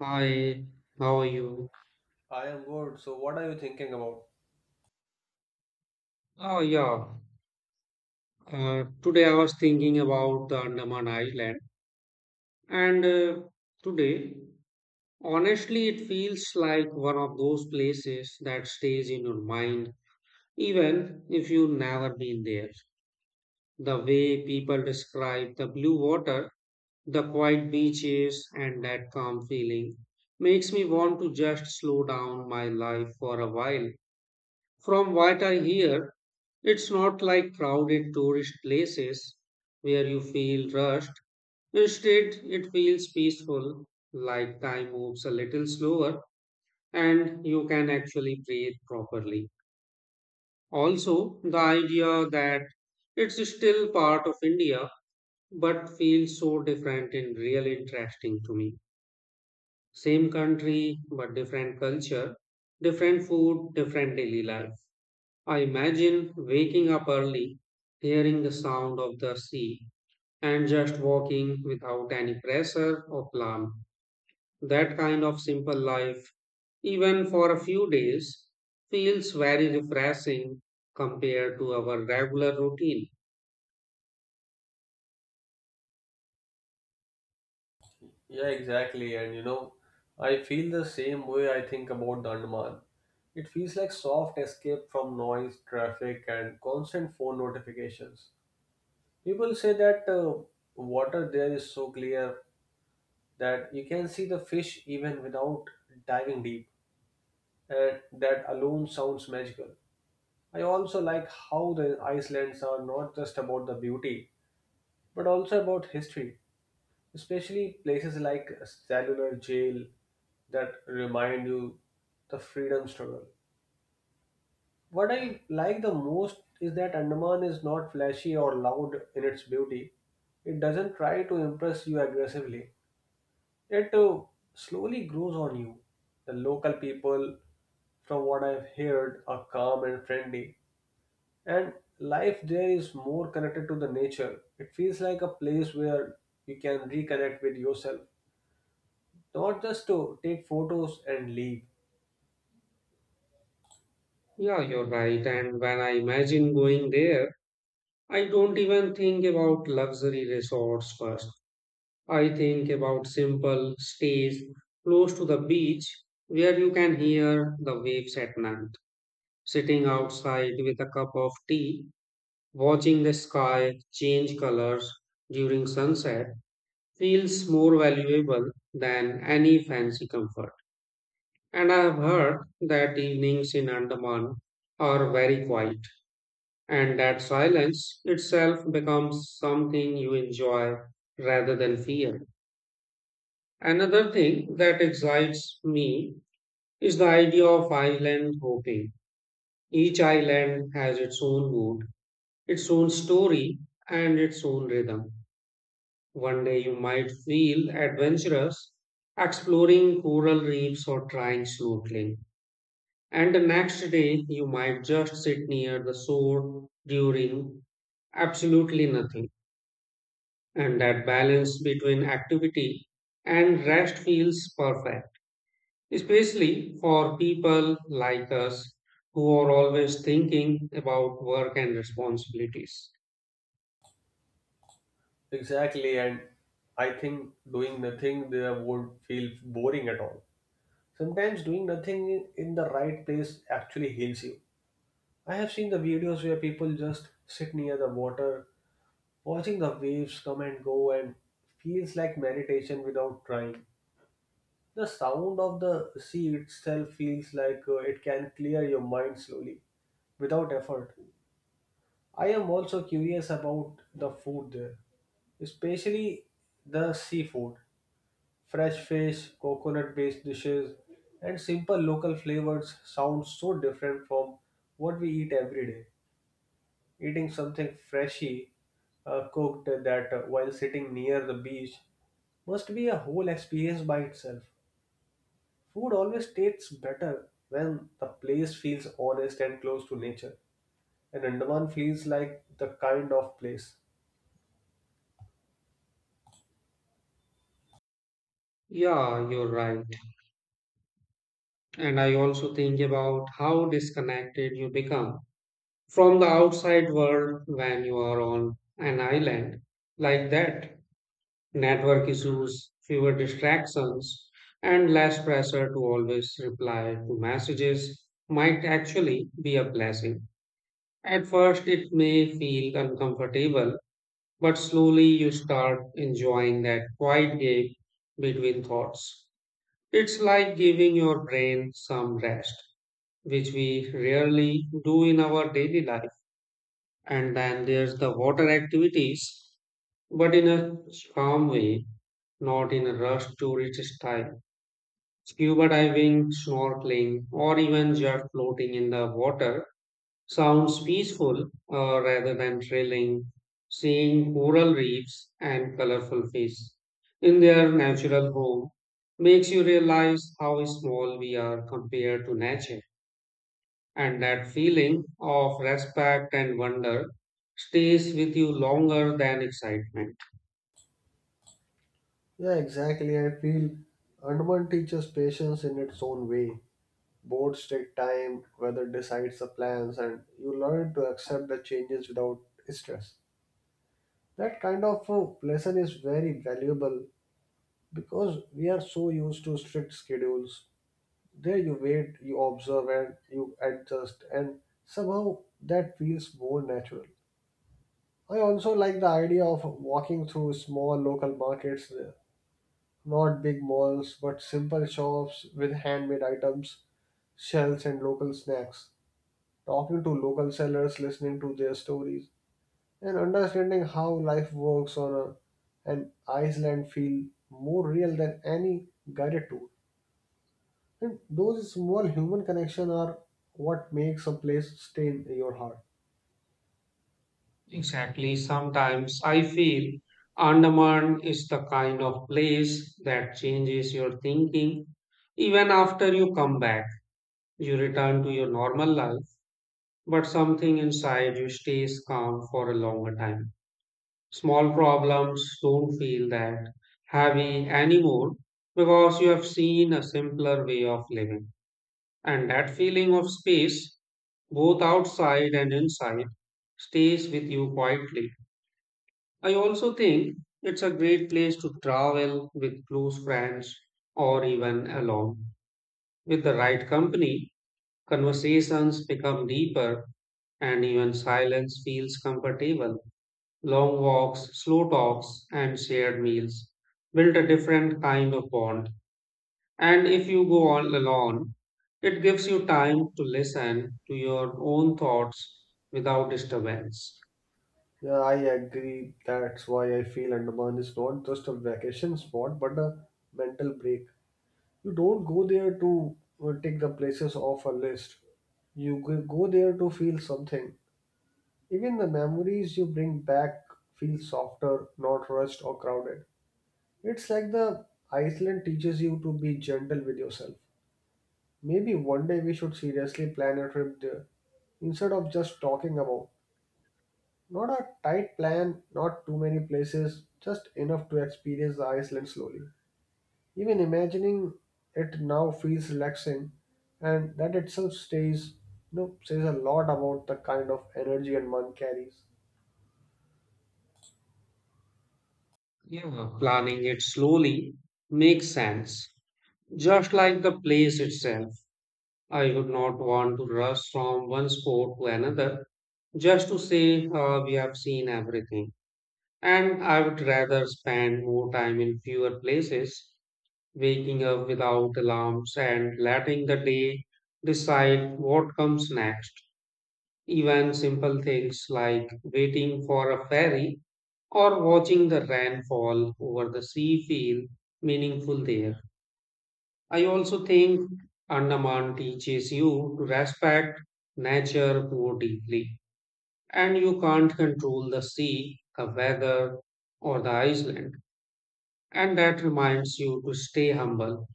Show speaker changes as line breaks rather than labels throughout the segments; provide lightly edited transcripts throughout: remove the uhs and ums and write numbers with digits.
Hi, how are you?
I am good. So, what are you thinking about?
Oh, yeah. Today I was thinking about the Andaman Island, and today, honestly, it feels like one of those places that stays in your mind, even if you've never been there. The way people describe the blue water, the quiet beaches, and that calm feeling makes me want to just slow down my life for a while. From what I hear, it's not like crowded tourist places where you feel rushed. Instead, it feels peaceful, like time moves a little slower and you can actually breathe properly. Also, the idea that it's still part of India but feels so different and really interesting to me. Same country, but different culture, different food, different daily life. I imagine waking up early, hearing the sound of the sea, and just walking without any pressure or plan. That kind of simple life, even for a few days, feels very refreshing compared to our regular routine.
Yeah, exactly. And you know, I feel the same way I think about the Andaman. It feels like soft escape from noise, traffic, and constant phone notifications. People say that water there is so clear that you can see the fish even without diving deep, and that alone sounds magical. I also like how the Icelands are not just about the beauty, but also about history, especially places like cellular jail that remind you the freedom struggle. What I like the most is that Andaman is not flashy or loud in its beauty. It doesn't try to impress you aggressively. It slowly grows on you. The local people, from what I've heard, are calm and friendly. And life there is more connected to the nature. It feels like a place where you can reconnect with yourself, not just to take photos and leave.
Yeah, you're right. And when I imagine going there, I don't even think about luxury resorts first. I think about simple stays close to the beach where you can hear the waves at night. Sitting outside with a cup of tea, watching the sky change colors during sunset feels more valuable than any fancy comfort. And I have heard that evenings in Andaman are very quiet and that silence itself becomes something you enjoy rather than fear. Another thing that excites me is the idea of island hopping. Each island has its own mood, its own story, and its own rhythm. One day you might feel adventurous exploring coral reefs or trying snorkeling, and the next day you might just sit near the shore during absolutely nothing. And that balance between activity and rest feels perfect, especially for people like us who are always thinking about work and responsibilities.
Exactly. And I think doing nothing there would feel boring at all. Sometimes doing nothing in the right place actually heals you. I have seen the videos where people just sit near the water watching the waves come and go, and feels like meditation without trying. The sound of the sea itself feels like, it can clear your mind slowly without effort. I am also curious about the food there, especially the seafood. Fresh fish, coconut based dishes, and simple local flavors sound so different from what we eat every day. Eating something freshy cooked that while sitting near the beach must be a whole experience by itself. Food always tastes better when the place feels honest and close to nature, and Andaman feels like the kind of place.
Yeah, you're right. And I also think about how disconnected you become from the outside world when you are on an island like that. Network issues, fewer distractions, and less pressure to always reply to messages might actually be a blessing. At first, it may feel uncomfortable, but slowly you start enjoying that quiet gap between thoughts. It's like giving your brain some rest, which we rarely do in our daily life. And then there's the water activities, but in a calm way, not in a rush tourist style. Scuba diving, snorkeling, or even just floating in the water sounds peaceful rather than thrilling. Seeing coral reefs and colorful fish in their natural home makes you realize how small we are compared to nature. And that feeling of respect and wonder stays with you longer than excitement.
Yeah, exactly. I feel Andaman teaches patience in its own way. Boards take time, weather decides the plans, and you learn to accept the changes without stress. That kind of lesson is very valuable because we are so used to strict schedules. There you wait, you observe, and you adjust, and somehow that feels more natural. I also like the idea of walking through small local markets. Not big malls, but simple shops with handmade items, shells, and local snacks. Talking to local sellers, listening to their stories, and understanding how life works on a, an Iceland feel more real than any guided tour. And those small human connections are what makes a place stay in your heart.
Exactly, sometimes I feel Andaman is the kind of place that changes your thinking even after you come back. You return to your normal life, but something inside you stays calm for a longer time. Small problems don't feel that heavy anymore because you have seen a simpler way of living. And that feeling of space, both outside and inside, stays with you quietly. I also think it's a great place to travel with close friends or even alone with the right company. Conversations become deeper, and even silence feels comfortable. Long walks, slow talks, and shared meals build a different kind of bond. And if you go all alone, it gives you time to listen to your own thoughts without disturbance.
Yeah, I agree. That's why I feel Andaman is not just a vacation spot but a mental break. You don't go there to take the places off a list. You go there to feel something. Even the memories you bring back feel softer, not rushed or crowded. It's like the Iceland teaches you to be gentle with yourself. Maybe one day we should seriously plan a trip there instead of just talking about. Not a tight plan, not too many places, just enough to experience the Iceland slowly. Even imagining it now feels relaxing, and that itself stays, you know, says a lot about the kind of energy and one carries.
Yeah, planning it slowly makes sense, just like the place itself. I would not want to rush from one spot to another just to say, we have seen everything. And I would rather spend more time in fewer places, waking up without alarms and letting the day decide what comes next. Even simple things like waiting for a ferry or watching the rainfall over the sea feel meaningful there. I also think Andaman teaches you to respect nature more deeply, and you can't control the sea, the weather, or the island. And that reminds you to stay humble,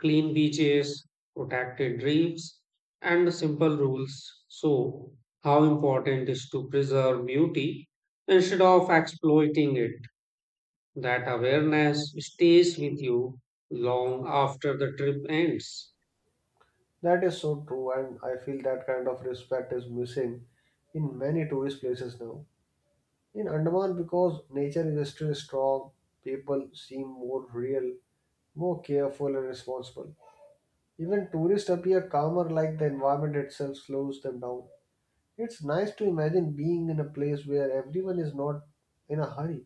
clean beaches, protected reefs, and the simple rules. So, how important is to preserve beauty instead of exploiting it? That awareness stays with you long after the trip ends.
That is so true, and I feel that kind of respect is missing in many tourist places now. In Andaman, because nature is still strong, people seem more real, more careful, and responsible. Even tourists appear calmer, like the environment itself slows them down. It's nice to imagine being in a place where everyone is not in a hurry.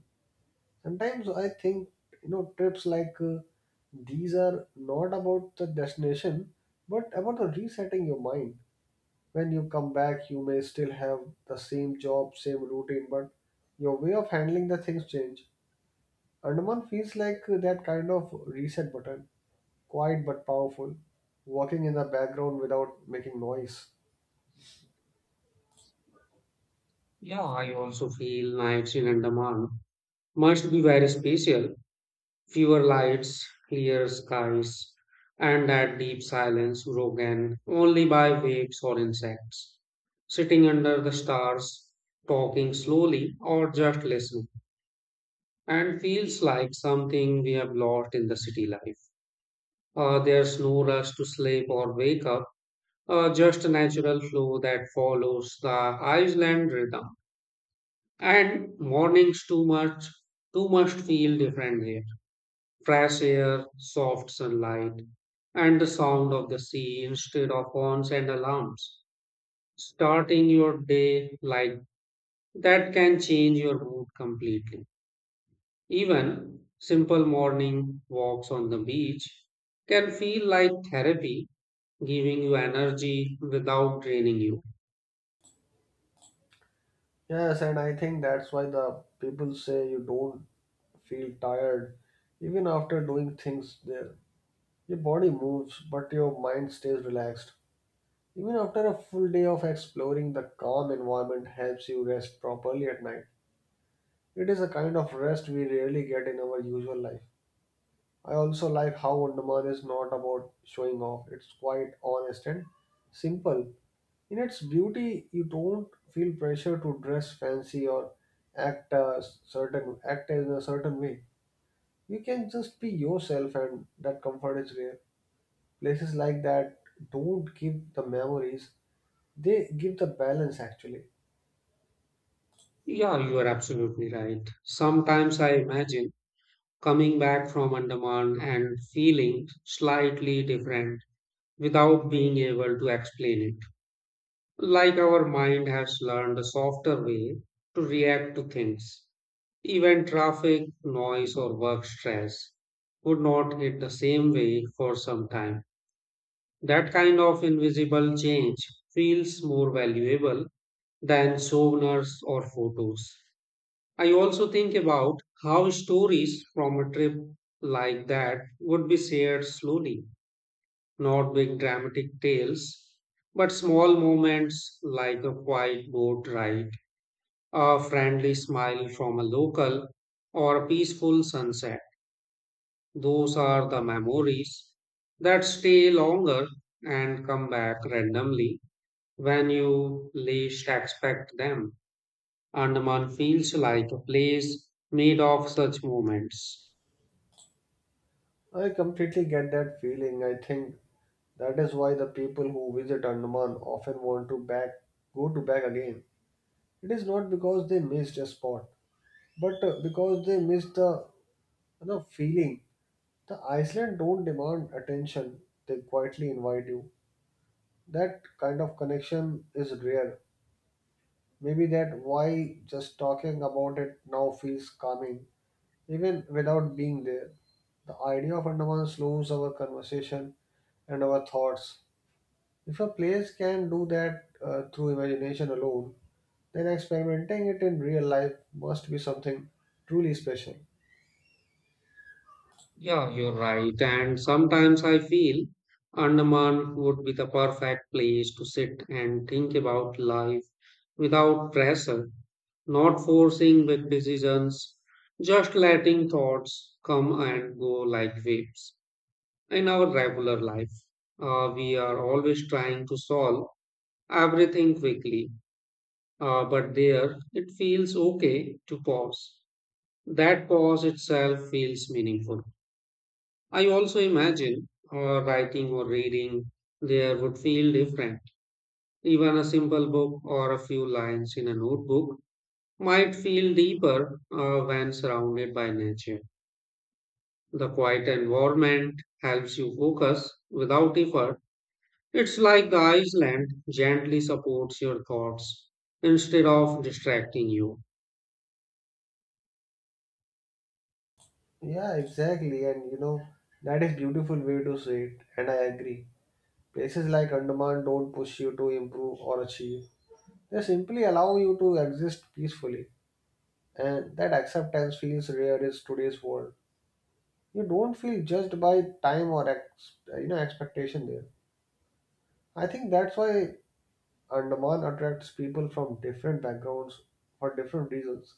Sometimes I think, you know, trips like, these are not about the destination but about the resetting your mind. When you come back, you may still have the same job, same routine, but your way of handling the things change. Andaman feels like, that kind of reset button, quiet but powerful, working in the background without making noise.
Yeah, I also feel nights in Andaman must be very special. Fewer lights, clear skies, and that deep silence broken only by waves or insects. Sitting under the stars, talking slowly, or just listening, and feels like something we have lost in the city life. There's no rush to sleep or wake up, just a natural flow that follows the island rhythm. And mornings too much feel different here, fresh air, soft sunlight, and the sound of the sea instead of horns and alarms. Starting your day like that can change your mood completely. Even simple morning walks on the beach can feel like therapy, giving you energy without draining you.
Yes, and I think that's why the people say you don't feel tired even after doing things there. Your body moves, but your mind stays relaxed. Even after a full day of exploring, the calm environment helps you rest properly at night. It is a kind of rest we rarely get in our usual life. I also like how Andaman is not about showing off, it's quite honest and simple. In its beauty, you don't feel pressure to dress fancy or act a certain act in a certain way. You can just be yourself and that comfort is rare. Places like that don't give the memories, they give the balance actually.
Yeah, you are absolutely right. Sometimes I imagine coming back from Andaman and feeling slightly different without being able to explain it. Like our mind has learned a softer way to react to things. Even traffic, noise, or work stress would not hit the same way for some time. That kind of invisible change feels more valuable than souvenirs or photos. I also think about how stories from a trip like that would be shared slowly, not big dramatic tales, but small moments like a quiet boat ride, a friendly smile from a local, or a peaceful sunset. Those are the memories that stay longer and come back randomly when you least expect them. Andaman feels like a place made of such moments.
I completely get that feeling. I think that is why the people who visit Andaman often want to back, go to back again. It is not because they missed a spot, but because they missed the, you know, feeling. The Iceland don't demand attention, they quietly invite you. That kind of connection is rare. Maybe that why just talking about it now feels calming. Even without being there, the idea of Andaman slows our conversation and our thoughts. If a place can do that through imagination alone, then experimenting it in real life must be something truly special.
Yeah, you're right. And sometimes I feel Andaman would be the perfect place to sit and think about life without pressure, not forcing big decisions, just letting thoughts come and go like waves. In our regular life, we are always trying to solve everything quickly, but there it feels okay to pause. That pause itself feels meaningful. I also imagine or writing or reading there would feel different. Even a simple book or a few lines in a notebook might feel deeper when surrounded by nature. The quiet environment helps you focus without effort. It's like the island gently supports your thoughts instead of distracting you.
Yeah, exactly. And you know, that is beautiful way to say it. And I agree. Places like Andaman don't push you to improve or achieve. They simply allow you to exist peacefully. And that acceptance feels rare in today's world. You don't feel judged by time or ex, you know, expectation there. I think that's why Andaman attracts people from different backgrounds for different reasons.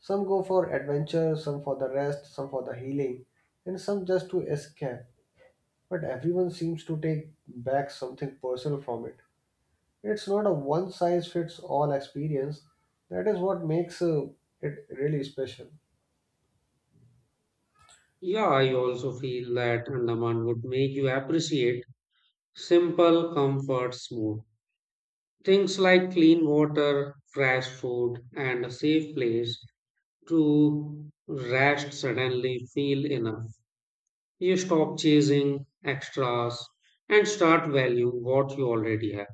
Some go for adventure, some for the rest, some for the healing, and some just to escape, but everyone seems to take back something personal from it. It's not a one size fits all experience. That is what makes, it really special.
Yeah, I also feel that Andaman would make you appreciate simple comforts more. Things like clean water, fresh food, and a safe place to rest suddenly feel enough. You stop chasing extras and start valuing what you already have.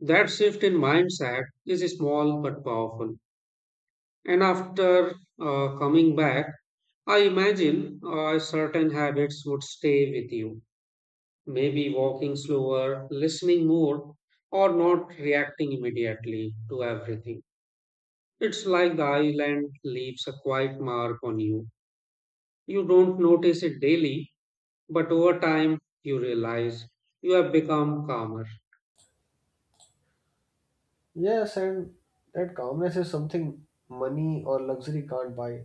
That shift in mindset is small but powerful. And after coming back, I imagine certain habits would stay with you. Maybe walking slower, listening more, or not reacting immediately to everything. It's like the island leaves a quiet mark on you. You don't notice it daily, but over time you realize you have become calmer.
Yes, and that calmness is something money or luxury can't buy.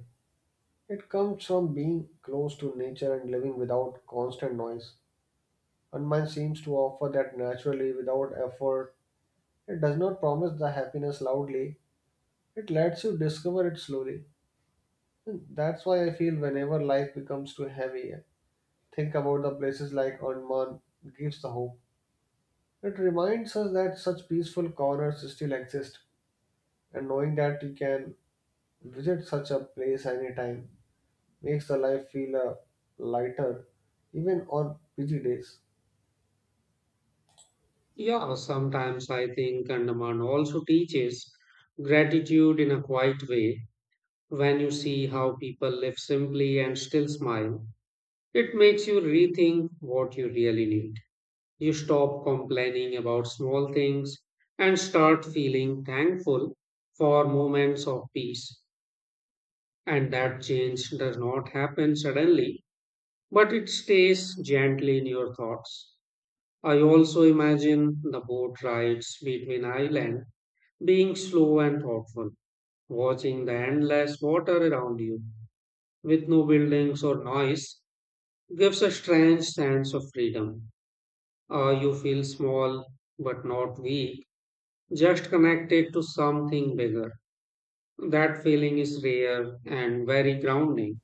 It comes from being close to nature and living without constant noise. Hanuman seems to offer that naturally without effort. It does not promise the happiness loudly, it lets you discover it slowly. And that's why I feel whenever life becomes too heavy, think about the places like Hanuman gives the hope. It reminds us that such peaceful corners still exist, and knowing that you can visit such a place anytime makes the life feel, lighter, even on busy days.
Yeah, sometimes I think Andaman also teaches gratitude in a quiet way. When you see how people live simply and still smile, it makes you rethink what you really need. You stop complaining about small things and start feeling thankful for moments of peace. And that change does not happen suddenly, but it stays gently in your thoughts. I also imagine the boat rides between islands, being slow and thoughtful, watching the endless water around you with no buildings or noise gives a strange sense of freedom. You feel small but not weak, just connected to something bigger. That feeling is rare and very grounding.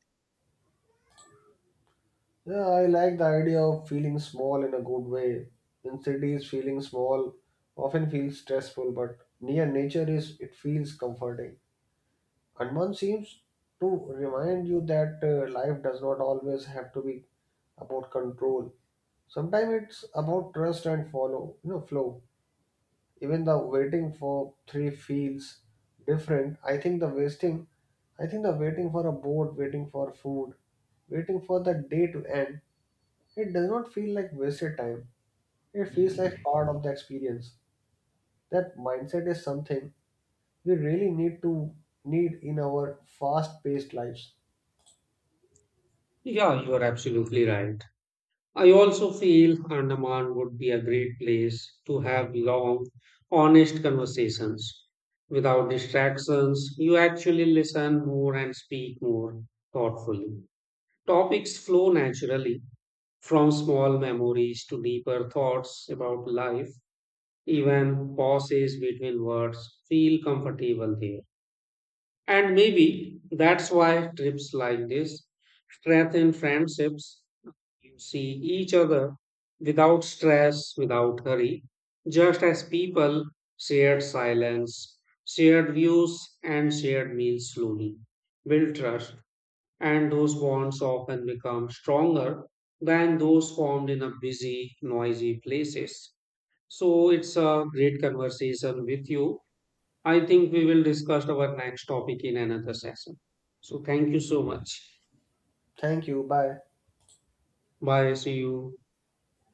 Yeah, I like the idea of feeling small in a good way. In cities, feeling small often feels stressful, but near nature is it feels comforting. Hanuman seems to remind you that life does not always have to be about control. Sometimes it's about trust and follow, you know, flow. Even the waiting for three feels different. I think the waiting for a boat, waiting for food, waiting for the day to end, it does not feel like wasted time. It feels like part of the experience. That mindset is something we really need in our fast-paced lives.
Yeah, you are absolutely right. I also feel Andaman would be a great place to have long, honest conversations. Without distractions, you actually listen more and speak more thoughtfully. Topics flow naturally from small memories to deeper thoughts about life. Even pauses between words feel comfortable there. And maybe that's why trips like this strengthen friendships. You see each other without stress, without hurry, just as people. Shared silence, shared views, and shared meals slowly build trust, and those bonds often become stronger than those formed in a busy, noisy places. So it's a great conversation with you. I think we will discuss our next topic in another session. So thank you so much.
Thank you. Bye.
Bye. See you.